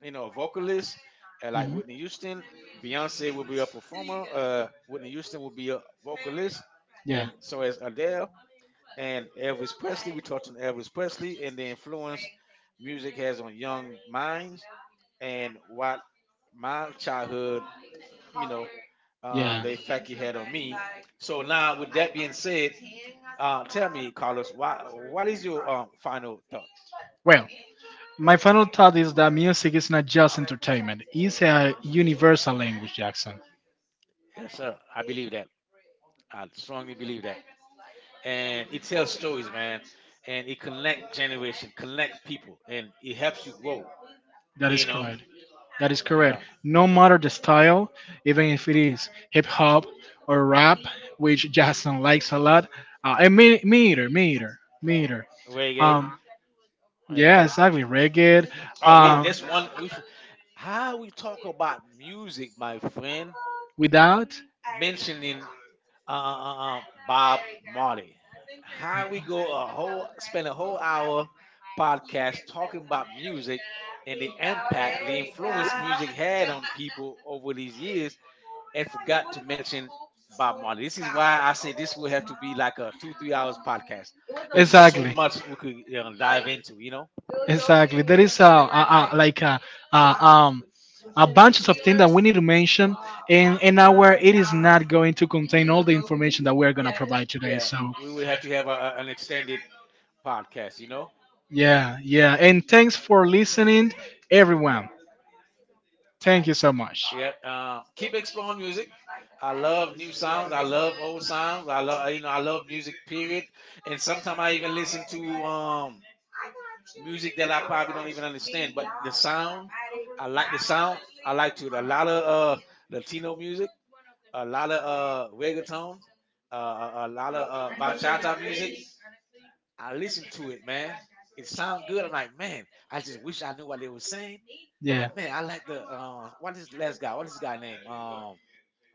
S2: you know, a vocalist, like
S1: Mhm.
S2: Whitney Houston. Beyonce will be a performer. Whitney Houston will be a vocalist,
S1: Yeah.
S2: and so is Adele and Elvis Presley. We're talking Elvis Presley and the influence music has on young minds and what my childhood, you know,
S1: Yeah.
S2: the effect it had on me. So now, with that being said, tell me, Carlos, why, what is your final thought?
S1: Well, my final thought is that music is not just entertainment, it's a universal language, Jackson.
S2: Yes, sir. I believe that. I strongly believe that. And it tells stories, man, and it connect generation, connect people, and it helps you grow.
S1: That is
S2: You know,
S1: correct. That is
S2: yeah,
S1: correct. No matter the style, even if it is hip hop or rap, which Jason likes a lot, and me, me either, me either, me either.
S2: reggae,
S1: Um,
S2: yeah.
S1: yeah, exactly. Reggae.
S2: Oh, we
S1: Um,
S2: that's one. How we talk about music, my friend,
S1: without
S2: mentioning Bob Marley. How we go a whole spend a whole hour podcast talking about music and the impact, the influence music had on people over these years and forgot to mention Bob Marley. This is why I say this will have to be like a two, 3 hours podcast, because it's so
S1: exactly,
S2: much we could, you know, dive into, you know?
S1: exactly. There is a like a um a bunches of things that we need to mention in an hour. It is not going to contain all the information that we are gonna provide today.
S2: Yeah,
S1: So
S2: we would have to have an extended podcast, you know?
S1: yeah, yeah. And thanks for listening, everyone. Thank you so much.
S2: Yep. Keep exploring music. I love new sounds. I love old sounds. I love, you know, I love music, period. And sometimes I even listen to music that I probably don't even understand, but the sound, I like the sound. I like to a lot of Latino music, a lot of reggaeton, a lot of bachata music. I listened to it, man. It sound good. I'm like, man, I just wish I knew what they were saying.
S1: Yeah.
S2: But man, I like the what is last guy? What is this guy name?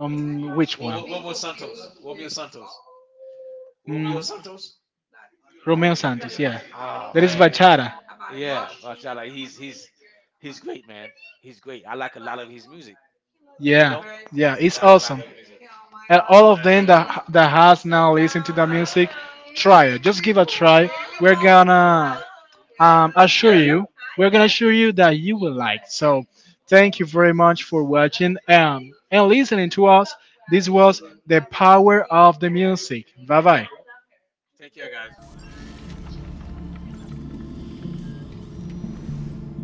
S1: Which
S2: Romo
S1: one?
S2: Romo
S1: Mm,
S2: Santos. Romeo Santos. Romeo Santos.
S1: Romeo Santos. Yeah.
S2: Ah,
S1: That is
S2: man,
S1: bachata.
S2: yeah, Machala. He's great, man. He's great. I like a lot of his music. You
S1: Yeah.
S2: know,
S1: Yeah,
S2: I
S1: it's
S2: like a lot of
S1: awesome.
S2: his music.
S1: And all of them
S2: Man,
S1: that that has now listened to the music, try it. Just give a try. We're
S2: yeah,
S1: gonna assure
S2: yeah,
S1: you, we're gonna assure you that you will like. So, thank you very much for watching and listening to us. This was the power of the music. Bye
S2: yeah.
S1: bye.
S2: Take care, guys.